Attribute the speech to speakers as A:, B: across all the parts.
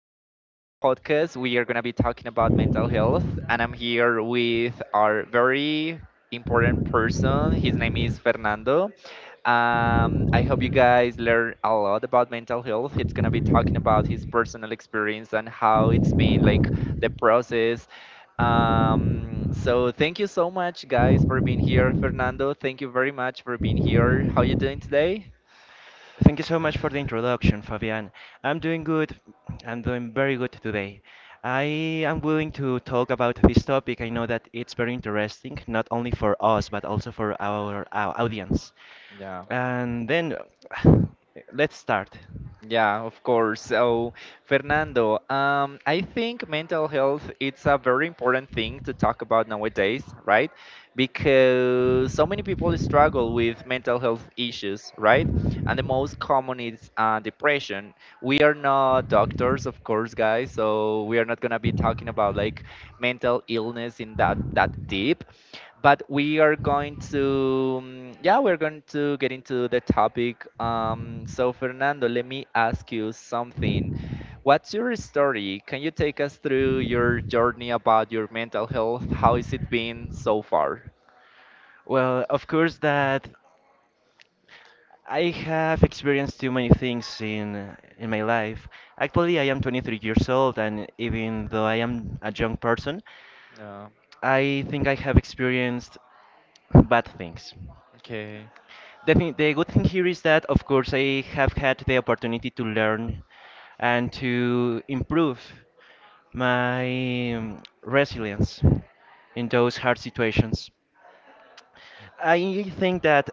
A: today's podcast, we are going to be talking about mental health, and I'm here with our very important person. His name is Fernando. I hope you guys learn a lot about mental health. He's going to be talking about his personal experience and how it's been like the process. So thank you so much, guys, for being here. Fernando, thank you very much for being here. How you doing today?
B: Thank you so much for the introduction, Fabian. I'm doing good. I'm doing very good today. I am willing to talk about this topic. I know that it's very interesting, not only for us, but also for our audience.
A: Yeah.
B: And then let's start.
A: Yeah, of course. So, Fernando, I think mental health it's a very important thing to talk about nowadays, right? Because so many people struggle with mental health issues, right? And the most common is depression. We are not doctors, of course, guys, so we are not gonna be talking about like mental illness in that deep, but we are going to yeah, we're going to get into the topic. So Fernando, let me ask you something. What's your story? Can you take us through your journey about your mental health? How has it been so far?
B: Well, of course that I have experienced too many things in my life. Actually, I am 23 years old, and even though I am a young person,
A: Yeah.
B: I think I have experienced bad things.
A: Okay.
B: The good thing here is that, of course, I have had the opportunity to learn and to improve my resilience in those hard situations. I think that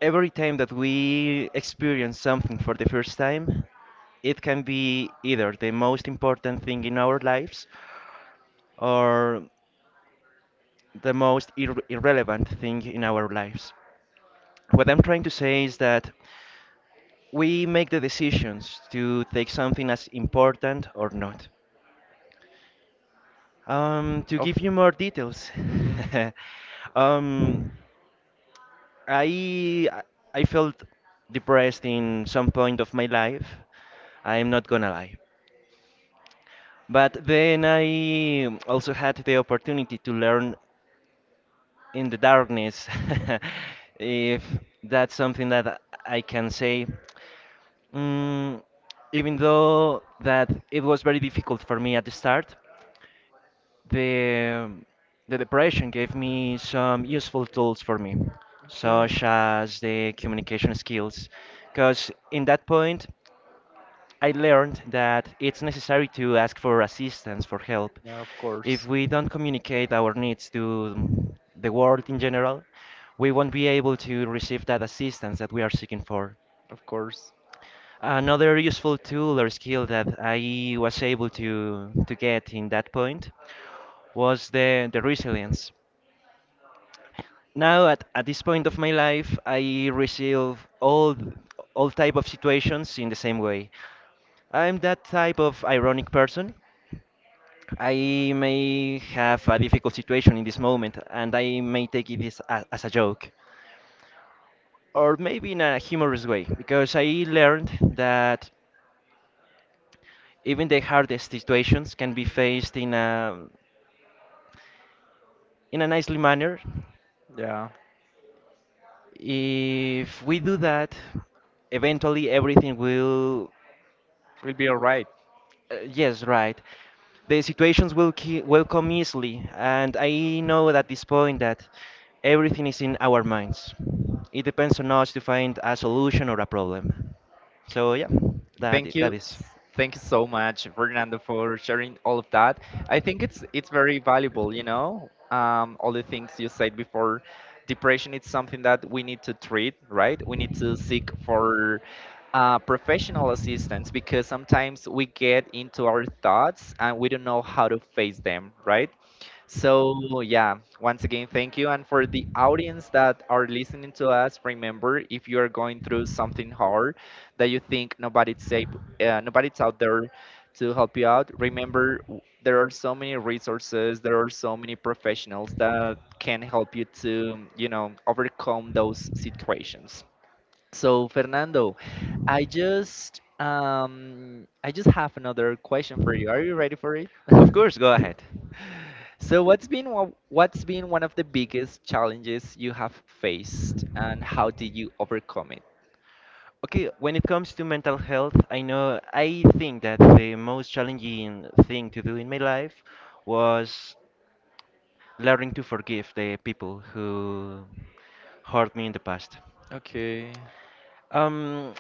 B: every time that we experience something for the first time, it can be either the most important thing in our lives or the most irrelevant thing in our lives. What I'm trying to say is that we make the decisions to take something as important or not. To
A: Of
B: give you more details,
A: mm,
B: um, I I felt depressed in some point of my life. I'm not gonna lie. But then I also had the opportunity to learn in the darkness, if that's something that I can say. Mm, even though that it was very difficult for me at the start, the the depression gave me some useful tools for me,
A: okay.
B: such as the communication skills, because in that point. I learned that it's necessary to ask for assistance, for help.
A: Yeah, of
B: If
A: course.
B: we don't communicate our needs to the world in general, we won't be able to receive that assistance that we are seeking for.
A: Of course.
B: Another useful tool or skill that I was able to get in that point was the resilience. Now at this point of my life, I receive all type of situations in the same way. I'm that type of ironic person. I may have a difficult situation in this moment, and I may take it as a joke, or maybe in a humorous way, because I learned that even the hardest situations can be faced in a nicely manner.
A: Yeah.
B: If we do that, eventually everything will.
A: We'll be all right.
B: Yes, right. The situations will will come easily, and I know at this point that everything is in our minds. It depends on us to find a solution or a problem. So yeah,
A: Thank
B: that
A: you.
B: is.
A: Thank you so much, Fernando, for sharing all of that. I think it's very valuable, you know. All the things you said before, depression is something that we need to treat, right? We need to seek for professional assistance because sometimes we get into our thoughts and we don't know how to face them, right? So, yeah, once again, thank you. And for the audience that are listening to us, remember if you are going through something hard that you think nobody's able, nobody's out there to help you out, remember there are so many resources, there are so many professionals that can help you to, you know, overcome those situations. So, Fernando, I just have another question for you. Are you ready for it?
B: Of course, go ahead.
A: So what's been one of the biggest challenges you have faced and how did you overcome it?
B: Okay, when it comes to mental health, I know I think that the most challenging thing to do in my life was learning to forgive the people who hurt me in the past.
A: Okay.
B: Um,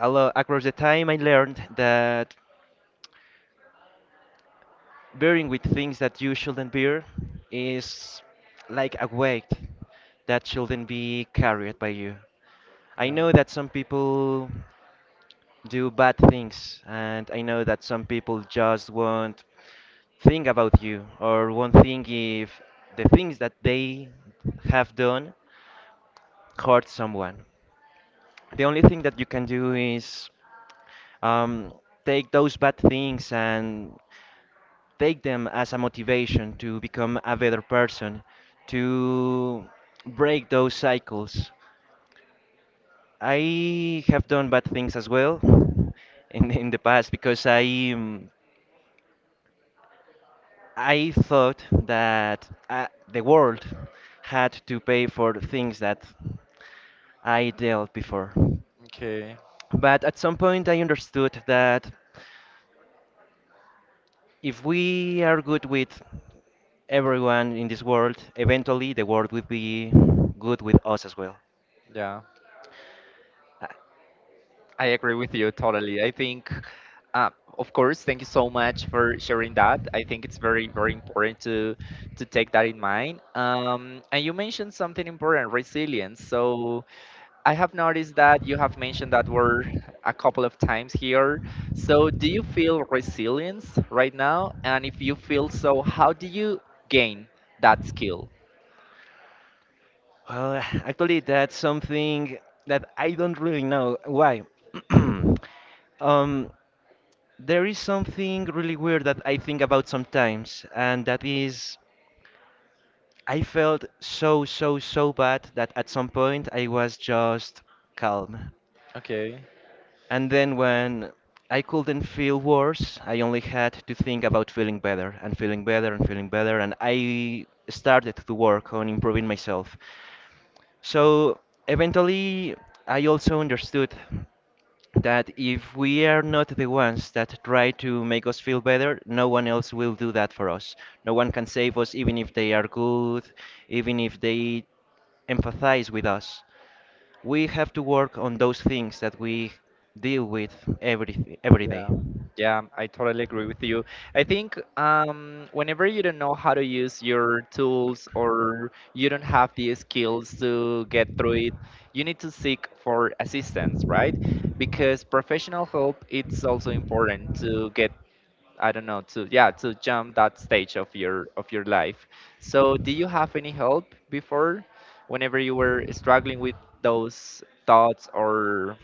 B: across the time, I learned that bearing with things that you shouldn't bear is like a weight that shouldn't be carried by you. I
A: Yeah.
B: know that some people do bad things, and I know that some people just won't think about you or won't think if the things that they have done hurt someone. The only thing that you can do is um, take those bad things and take them as a motivation to become a better person, to break those cycles. I have done bad things as well in the past because um, I thought that the world had to pay for the things that I dealt before.
A: Okay.
B: But at some point, I understood that if we are good with everyone in this world, eventually the world will be good with us as well.
A: Yeah.
B: Uh,
A: I agree with you totally. I think uh, of course, thank you so much for sharing that. I think it's very, very important to take that in mind. And you mentioned something important, resilience. So I have noticed that you have mentioned that word a couple of times here. So, do you feel resilience right now? And if you feel so, how do you gain that skill?
B: Well, actually, that's something that I don't really know why. um, there is something really weird that I think about sometimes, and that is I felt so, so, so bad that at some point I was just calm.
A: Okay.
B: And then when I couldn't feel worse, I only had to think about feeling better and feeling better and feeling better. And I started to work on improving myself. So eventually, I also understood that if we are not the ones that try to make us feel better, no one else will do that for us. No one can save us, even if they are good, even if they empathize with us. We have to work on those things that we deal with every day.
A: Yeah. Yeah, I totally agree with you. I think whenever you don't know how to use your tools or you don't have the skills to get through it, you need to seek for assistance, right? Because professional help it's also important to get, I don't know, to yeah to jump that stage of your life. So do you have any help before whenever you were struggling with those thoughts or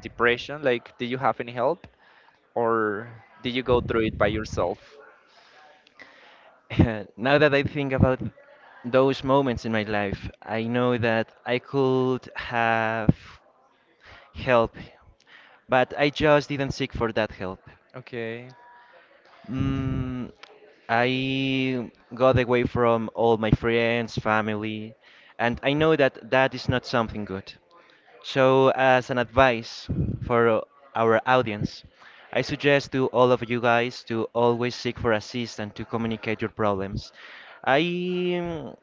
A: depression? Like did you have any help or did you go through it by yourself?
B: Now that I think about those moments in my life, I know that I could have help, but I just didn't seek for that help.
A: Okay.
B: Mm, I got away from all my friends, family, and I know that that is not something good. So, as an advice for our audience, I suggest to all of you guys to always seek for assistance to communicate your problems. I mm,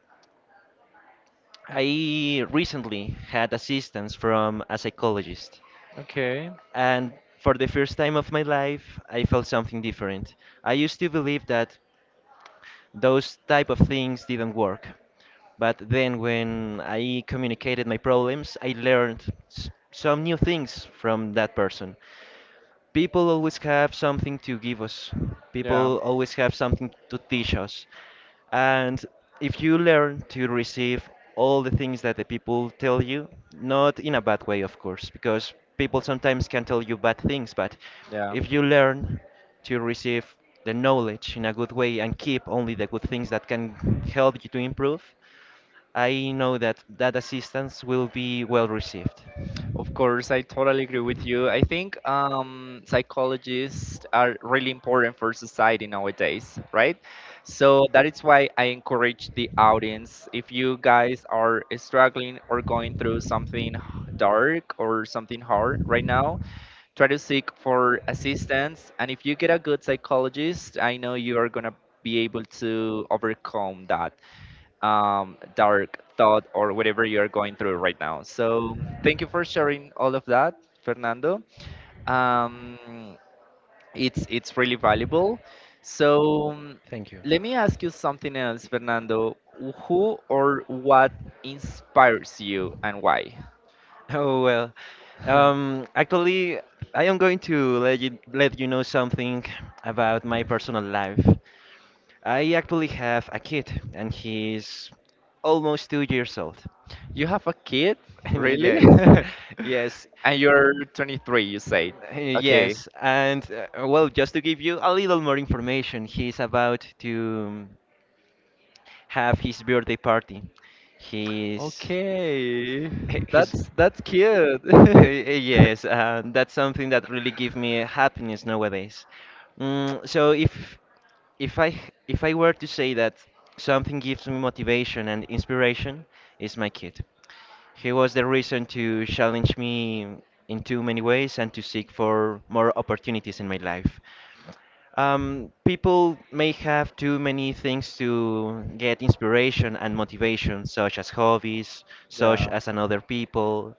B: I recently had assistance from a psychologist,
A: Okay.
B: and for the first time of my life, I felt something different. I used to believe that those type of things didn't work. But then when I communicated my problems, I learned some new things from that person. People always have something to give us.
A: Yeah.
B: People always have something to teach us. And if you learn to receive all the things that the people tell you, not in a bad way, of course, because people sometimes can tell you bad things, but
A: Yeah.
B: if you learn to receive the knowledge in a good way and keep only the good things that can help you to improve, I know that that assistance will be well received.
A: Of course, I totally agree with you. I think psychologists are really important for society nowadays, right? So that is why I encourage the audience. If you guys are struggling or going through something dark or something hard right now, try to seek for assistance. And if you get a good psychologist, I know you are gonna be able to overcome that dark thought or whatever you're going through right now. So thank you for sharing all of that, Fernando. Um, it's really valuable. So
B: Thank you.
A: let me ask you something else, Fernando. Who or what inspires you and why?
B: Oh well. Actually, I am going to let you know something about my personal life. I actually have a kid, and he's almost two years old.
A: You have a kid, really?
B: Yes, yes,
A: And you're 23, you say. Okay.
B: yes. And well, just to give you a little more information, he's about to have his birthday party. He's
A: Okay.
B: his.
A: That's cute.
B: Yes, that's something that really gives me happiness nowadays. So if I were to say that something gives me motivation and inspiration, is my kid. He was the reason to challenge me in too many ways and to seek for more opportunities in my life. People may have too many things to get inspiration and motivation, such as hobbies, such
A: Yeah.
B: as another people,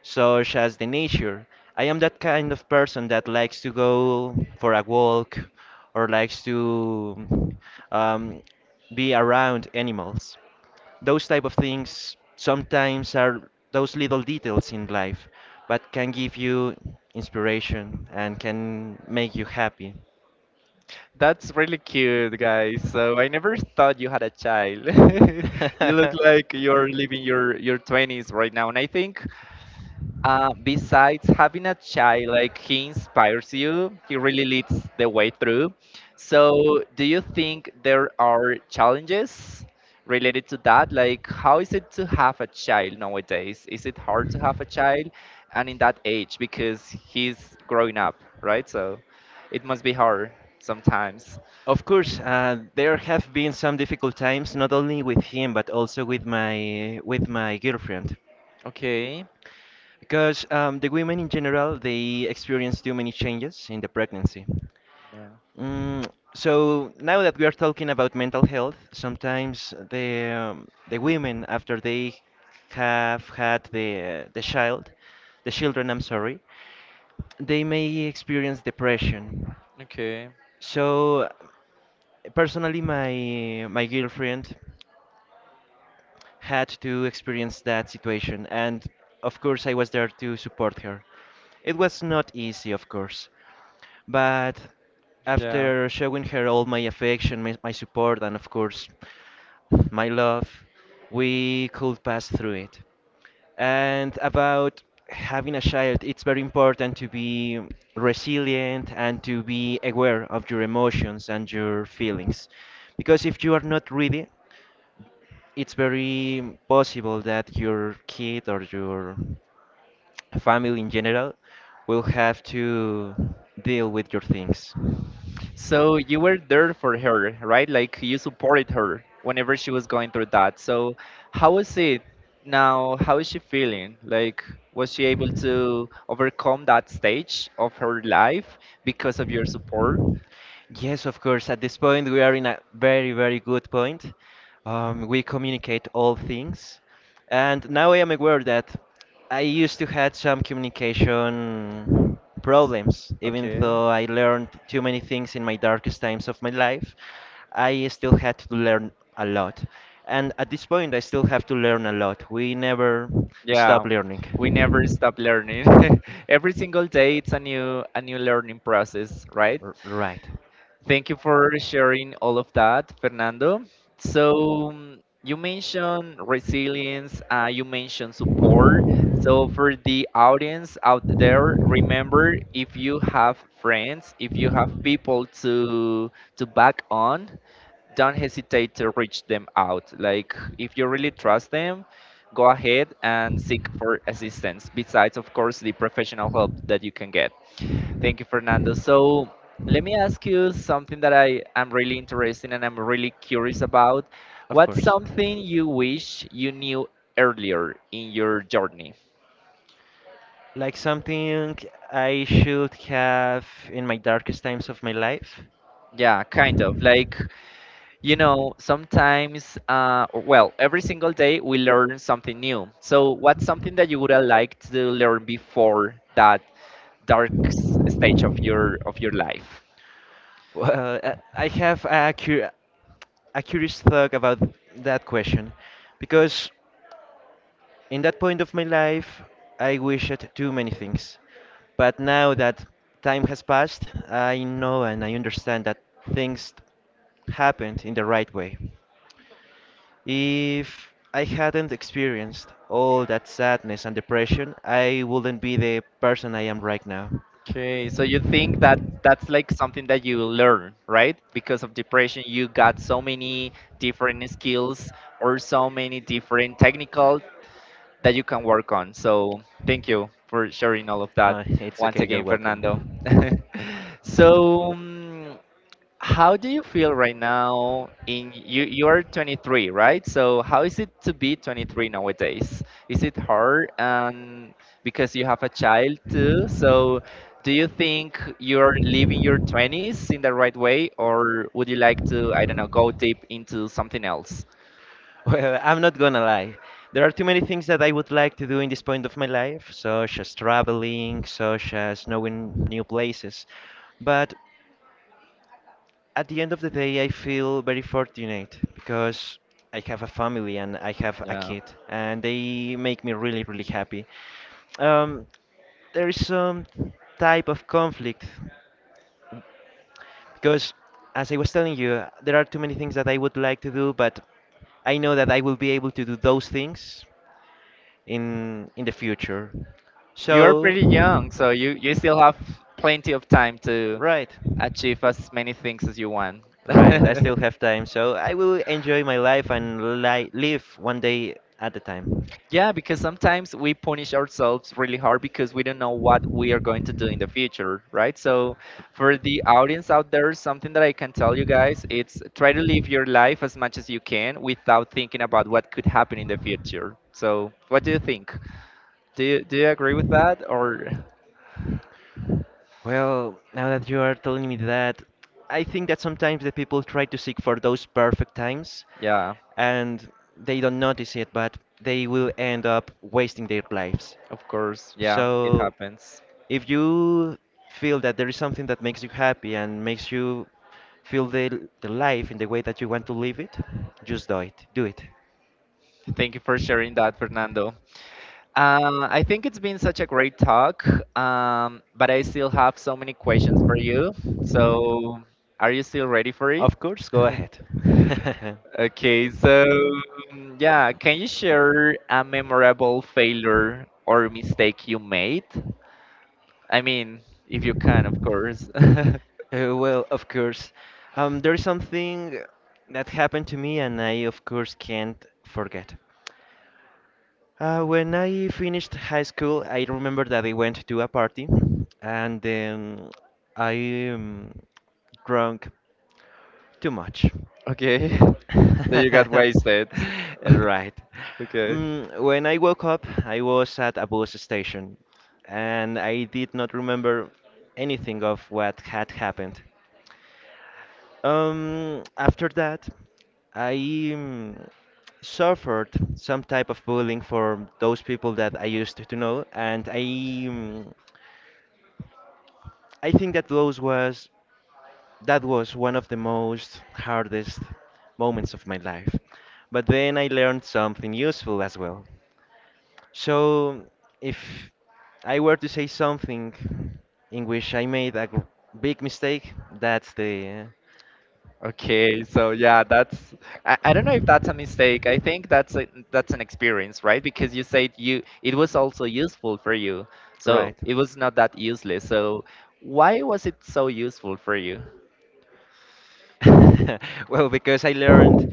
B: such as the nature. I am that kind of person that likes to go for a walk or likes to um, be around animals. Those type of things sometimes are those little details in life, but can give you inspiration and can make you happy.
A: That's really cute, guys. So I never thought you had a child. You look like you're living your 20s right now. And I think besides having a child, like he inspires you, he really leads the way through. So do you think there are challenges related to that? Like how is it to have a child nowadays? Is it hard to have a child and in that age because he's growing up, right? So it must be hard sometimes.
B: Of course, there have been some difficult times, not only with him but also with my girlfriend,
A: Okay.
B: because the women in general they experience too many changes in the pregnancy.
A: Yeah.
B: Mm, so now that we are talking about mental health, sometimes the women after they have had the child, the children, I'm sorry, they may experience depression.
A: Okay.
B: So personally, my girlfriend had to experience that situation, and of course, I was there to support her. It was not easy, of course, but
A: Yeah.
B: after showing her all my affection, my support, and of course, my love, we could pass through it. And about having a child, it's very important to be resilient and to be aware of your emotions and your feelings. Because if you are not ready, it's very possible that your kid or your family in general will have to deal with your things.
A: So you were there for her, right? Like you supported her whenever she was going through that. So how was it now? How is she feeling? Like was she able to overcome that stage of her life because of your support?
B: Yes, of course. At this point, we are in a very, very good point. We communicate all things. And now I am aware that I used to had some communication problems, even
A: Okay.
B: though I learned too many things in my darkest times of my life. I still had to learn a lot. And at this point, I still have to learn a lot. We never stop
A: Yeah,
B: learning.
A: we never stop learning. Every single day it's a new learning process, right?
B: Right,
A: Thank you for sharing all of that, Fernando. So, you mentioned resilience, you mentioned support. So, for the audience out there, remember if you have friends, if you have people to back on, don't hesitate to reach them out. Like if you really trust them, go ahead and seek for assistance. Besides, of course, the professional help that you can get. Thank you, Fernando. So let me ask you something that I am really interested in and I'm really curious about.
B: of
A: What's
B: course.
A: something you wish you knew earlier in your journey?
B: Like something I should have in my darkest times of my life.
A: Yeah, kind of. Like, you know, sometimes, or- well, every single day we learn something new. So what's something that you would have liked to learn before that dark stage of your life?
B: Well, I have a curious thought about that question because in that point of my life, I wished too many things. But now that time has passed, I know and I understand that things happened in the right way. If I hadn't experienced all that sadness and depression, I wouldn't be the person I am right now.
A: Okay, so you think that that's like something that you learn, right? Because of depression, you got so many different skills or so many different technical that you can work on. So thank you for sharing all of that
B: Huh, it's
A: once
B: okay, you're
A: again,
B: welcome.
A: Fernando. So. How do you feel right now in you're 23, right? So how is it to be 23 nowadays? Is it hard and because you have a child too? So do you think you're living your 20s in the right way or would you like to, I don't know, go deep into something else?
B: Well, I'm not gonna lie. There are too many things that I would like to do in this point of my life, such as traveling, such as knowing new places. But at the end of the day, I feel very fortunate because I have a family and I have a
A: Yeah.
B: kid, and they make me really, really happy. Um, there is some type of conflict because, as I was telling you, there are too many things that I would like to do, but I know that I will be able to do those things in the future.
A: You're
B: So
A: pretty young, so you still have plenty of time to
B: right,
A: achieve as many things as you want.
B: right. I still have time, so I will enjoy my life and li live one day at a time.
A: Yeah, because sometimes we punish ourselves really hard because we don't know what we are going to do in the future, right? So, for the audience out there, something that I can tell you guys, it's try to live your life as much as you can without thinking about what could happen in the future. So, what do you think? Do you agree with that or
B: Well, now that you are telling me that, I think that sometimes the people try to seek for those perfect times
A: yeah,
B: and they don't notice it, but they will end up wasting their lives.
A: of course. Yeah, it
B: So
A: happens.
B: if you feel that there is something that makes you happy and makes you feel the life in the way that you want to live it, just do it. Do it.
A: Thank you for sharing that, Fernando. I think it's been such a great talk, but I still have so many questions for you. So, are you still ready for it?
B: Of course, go ahead.
A: Okay, so yeah, can you share a memorable failure or mistake you made? I mean, if you can, of course.
B: Well, of course. There is something that happened to me, and I, of course, can't forget. When I finished high school, I remember that I went to a party, and then I drank too much.
A: Okay, so you got wasted.
B: Right.
A: Okay.
B: Mm, when I woke up, I was at a bus station, and I did not remember anything of what had happened. After that, I mm, suffered some type of bullying from those people that I used to know, and I mm, I think that those was that was one of the most hardest moments of my life. But then I learned something useful as well. So, if I were to say something in which I made a big mistake, that's the.
A: Okay, so yeah, that's I don't know if that's a mistake. I think that's a, that's an experience, right? Because you said you it was also useful for you. So
B: Right.
A: it was not that useless. So why was it so useful for you?
B: Well, because I learned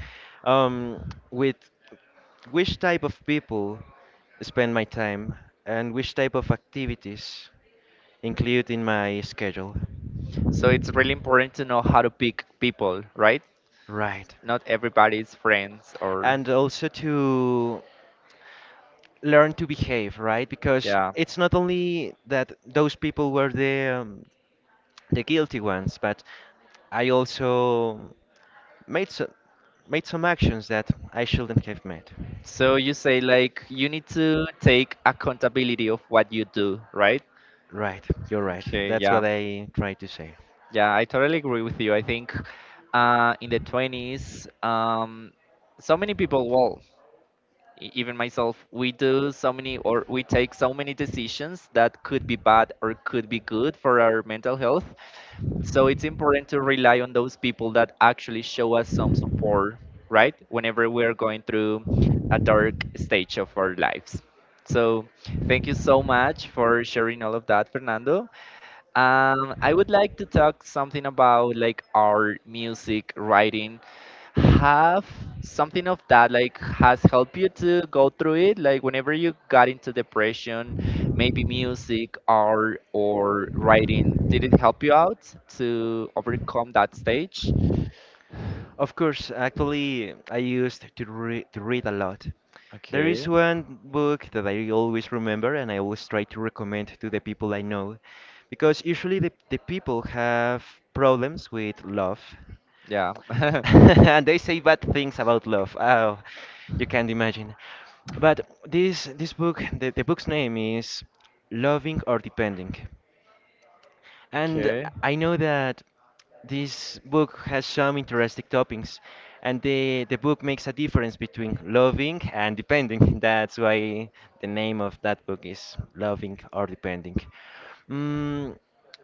B: um, with which type of people spend my time and which type of activities include in my schedule.
A: So it's really important to know how to pick people, right?
B: Right.
A: Not everybody's friends or
B: And also to learn to behave, right? Because
A: yeah.
B: it's not only that those people were the guilty ones, but I also made some made some actions that I shouldn't have made.
A: So you say like you need to take accountability of what you do, right?
B: Right, you're right.
A: Okay,
B: That's
A: yeah.
B: what I try to say.
A: Yeah, I totally agree with you. I think in the 20s, so many people, well, even myself, we do so many or we take so many decisions that could be bad or could be good for our mental health. So it's important to rely on those people that actually show us some support, right? Whenever we're going through a dark stage of our lives. So thank you so much for sharing all of that, Fernando. I would like to talk something about like our music writing. Have something of that like has helped you to go through it? Like whenever you got into depression, maybe music, art, or writing, did it help you out to overcome that stage?
B: Of course, actually, I used to, to read a lot. There is
A: Okay.
B: one book that I always remember and I always try to recommend to the people I know because usually the people have problems with love
A: Yeah.
B: and they say bad things about love. Oh, you can't imagine. But this book, the book's name is Loving or Depending. And
A: Okay.
B: I know that this book has some interesting topics, and the book makes a difference between loving and depending. That's why the name of that book is Loving or Depending. Mm,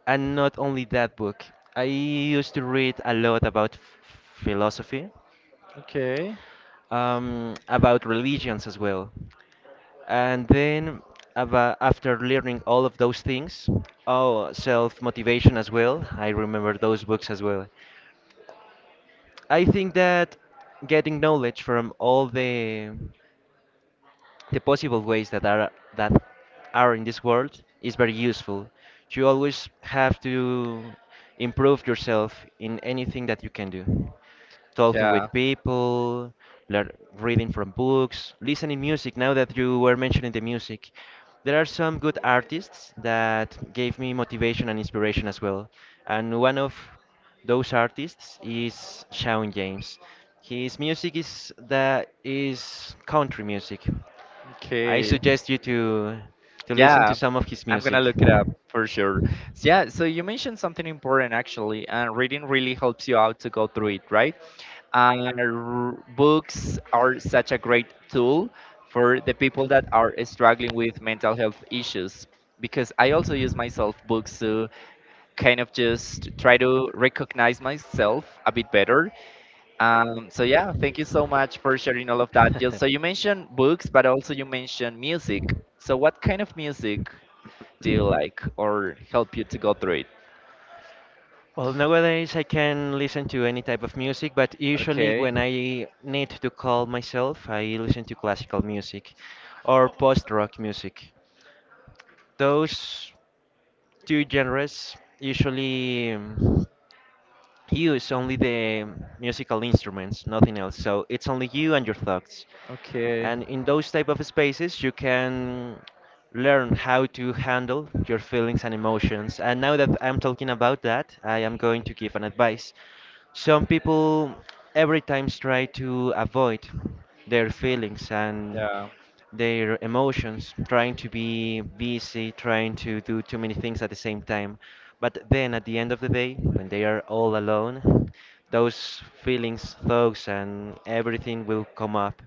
B: and not only that book, I used to read a lot about philosophy,
A: Okay.
B: about religions as well. And then after learning all of those things, oh, self-motivation as well. I remember those books as well. I think that getting knowledge from all the possible ways that are in this world is very useful. You always have to improve yourself in anything that you can do. Talking
A: Yeah.
B: with people, lear reading from books, listening music. Now that you were mentioning the music, there are some good artists that gave me motivation and inspiration as well. And one of those artists is Shawn James. His music is country music. I
A: Okay.
B: suggest you to listen
A: Yeah,
B: to some of his
A: I'm gonna
B: music.
A: look it up for sure. So yeah, so you mentioned something important actually, and reading really helps you out to go through it, right? And books are such a great tool for the people that are struggling with mental health issues. Because I also use myself books to kind of just try to recognize myself a bit better. So yeah, thank you so much for sharing all of that. Yeah, so you mentioned books, but also you mentioned music. So what kind of music do you like or help you to go through it?
B: Well, nowadays I can listen to any type of music, but usually
A: Okay.
B: when I need to calm myself, I listen to classical music or post-rock music. Those two genres usually use only the musical instruments, nothing else. So it's only you and your thoughts.
A: Okay.
B: And in those type of spaces you can learn how to handle your feelings and emotions. And now that I'm talking about that, I am going to give an advice. Some people every time try to avoid their feelings and
A: Yeah.
B: their emotions, trying to be busy, trying to do too many things at the same time. But then at the end of the day, when they are all alone, those feelings, thoughts, and everything will come up.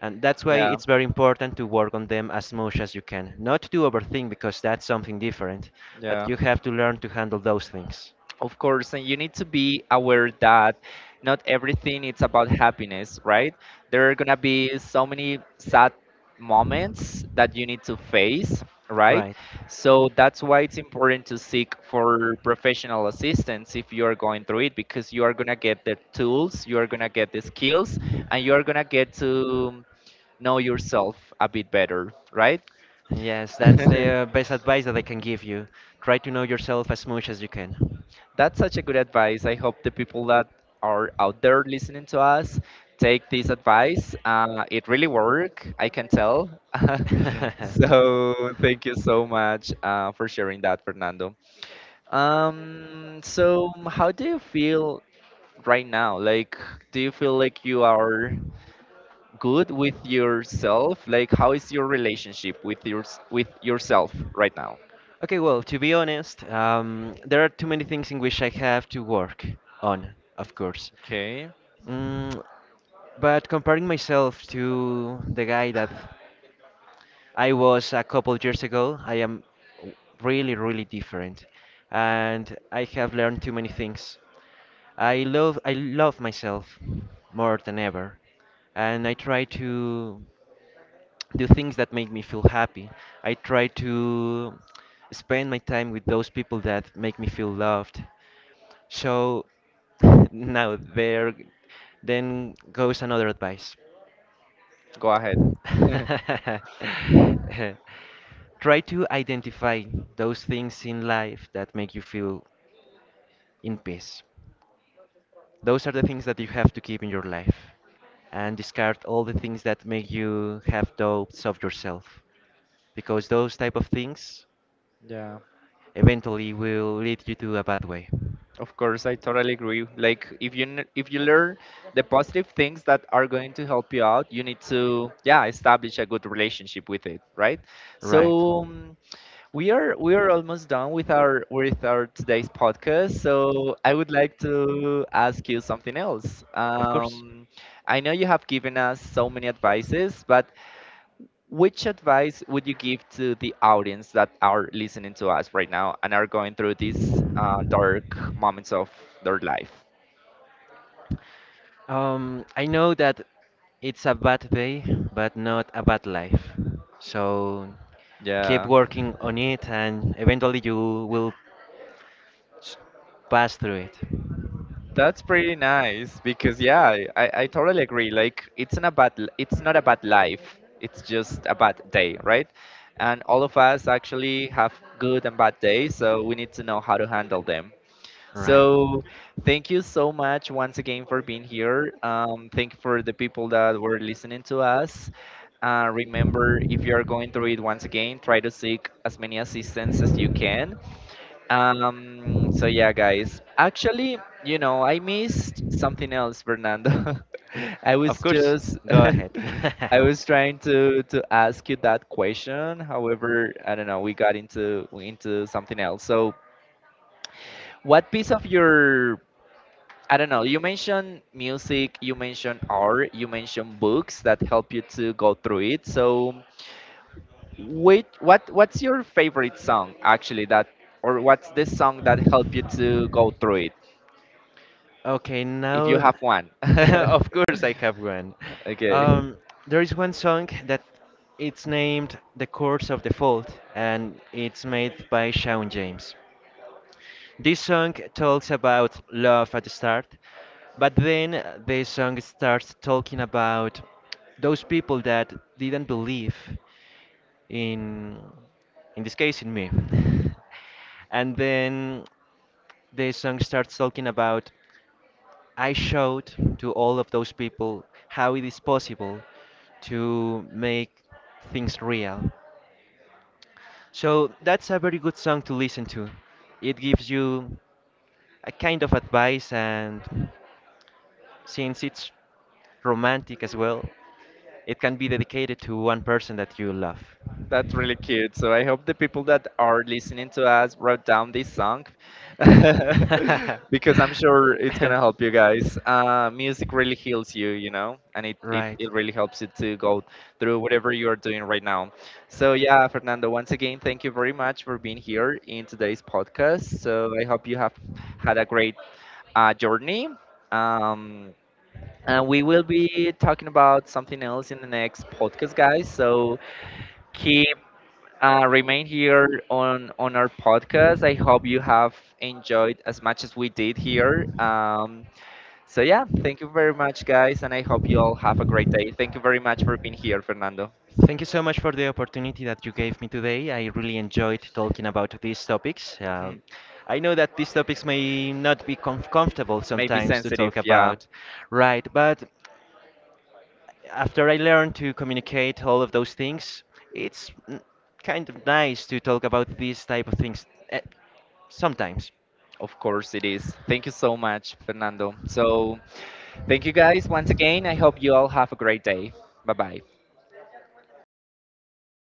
B: And that's why
A: Yeah.
B: it's very important to work on them as much as you can. Not to overthink, because that's something different, but
A: Yeah.
B: you have to learn to handle those things.
A: Of course, and you need to be aware that not everything is about happiness, right? There are gonna be so many sad moments that you need to face, right?
B: Right.
A: So that's why it's important to seek for professional assistance if you are going through it because you are gonna get the tools, you are gonna get the skills, and you are gonna get to know yourself a bit better, right?
B: Yes, that's the best advice that I can give you. Try to know yourself as much as you can.
A: That's such a good advice. I hope the people that are out there listening to us take this advice. It really worked, I can tell. So thank you so much for sharing that, Fernando. So how do you feel right now? Like, do you feel like you are good with yourself? Like, how is your relationship with your with yourself right now?
B: Okay, well, to be honest, there are too many things in which I have to work on, of course.
A: Okay.
B: Mm, but comparing myself to the guy that I was a couple years ago, I am really, really different, and I have learned too many things. I love myself more than ever, and I try to do things that make me feel happy. I try to spend my time with those people that make me feel loved. So now there then goes another advice.
A: Go ahead.
B: Try to identify those things in life that make you feel in peace. Those are the things that you have to keep in your life and discard all the things that make you have doubts of yourself, because those type of things
A: Yeah.
B: eventually will lead you to a bad way.
A: Of course, I totally agree. Like if you if you learn the positive things that are going to help you out, you need to yeah establish a good relationship with it, right?
B: Right.
A: So we are almost done with our today's podcast. So I would like to ask you something else.
B: Of course.
A: I know you have given us so many advices, but which advice would you give to the audience that are listening to us right now and are going through these dark moments of their life?
B: I know that it's a bad day, but not a bad life. So keep
A: Yeah,
B: working on it, and eventually you will s- pass through it.
A: that's pretty nice because yeah, I totally agree. Like it's not a it's not a bad life. It's just a bad day, right? And all of us actually have good and bad days, so we need to know how to handle them.
B: Right.
A: So, thank you so much once again for being here. Thank you for the people that were listening to us. Remember, if you are going through it once again, try to seek as many assistance as you can. So, yeah, guys. Actually, you know, I missed something else, Fernando. I was
B: Of course.
A: just,
B: Go ahead.
A: I was trying to ask you that question. However, I don't know, we got into something else. So, what piece of your I don't know. You mentioned music, you mentioned art, you mentioned books that help you to go through it. So, which what what's your favorite song actually that or what's the song that helped you to go through it
B: Okay,
A: if you
B: now,
A: have one?
B: of course I have one.
A: Okay.
B: Um, there is one song that it's named "The Course of the Fault" and it's made by Shawn James. This song talks about love at the start, but then the song starts talking about those people that didn't believe in, in this case, in me. And then the song starts talking about I showed to all of those people how it is possible to make things real. So that's a very good song to listen to. It gives you a kind of advice, and since it's romantic as well, it can be dedicated to one person that you love.
A: That's really cute. So I hope the people that are listening to us wrote down this song because I'm sure it's gonna help you guys. Music really heals you, you know, and it, it,
B: Right.
A: it really helps you to go through whatever you are doing right now. So yeah, Fernando, once again, thank you very much for being here in today's podcast. So I hope you have had a great journey. Um, and we will be talking about something else in the next podcast, guys. So keep remain here on our podcast. I hope you have enjoyed as much as we did here. So yeah, thank you very much, guys, and I hope you all have a great day. Thank you very much for being here, Fernando.
B: Thank you so much for the opportunity that you gave me today. I really enjoyed talking about these topics. I know that these topics may not be comfortable
A: Maybe
B: sometimes to
A: sensitive,
B: talk
A: yeah.
B: about, right? But after I learned to communicate all of those things, it's kind of nice to talk about these type of things sometimes.
A: Of course it is. Thank you so much, Fernando. So, thank you guys once again. I hope you all have a great day. Bye bye.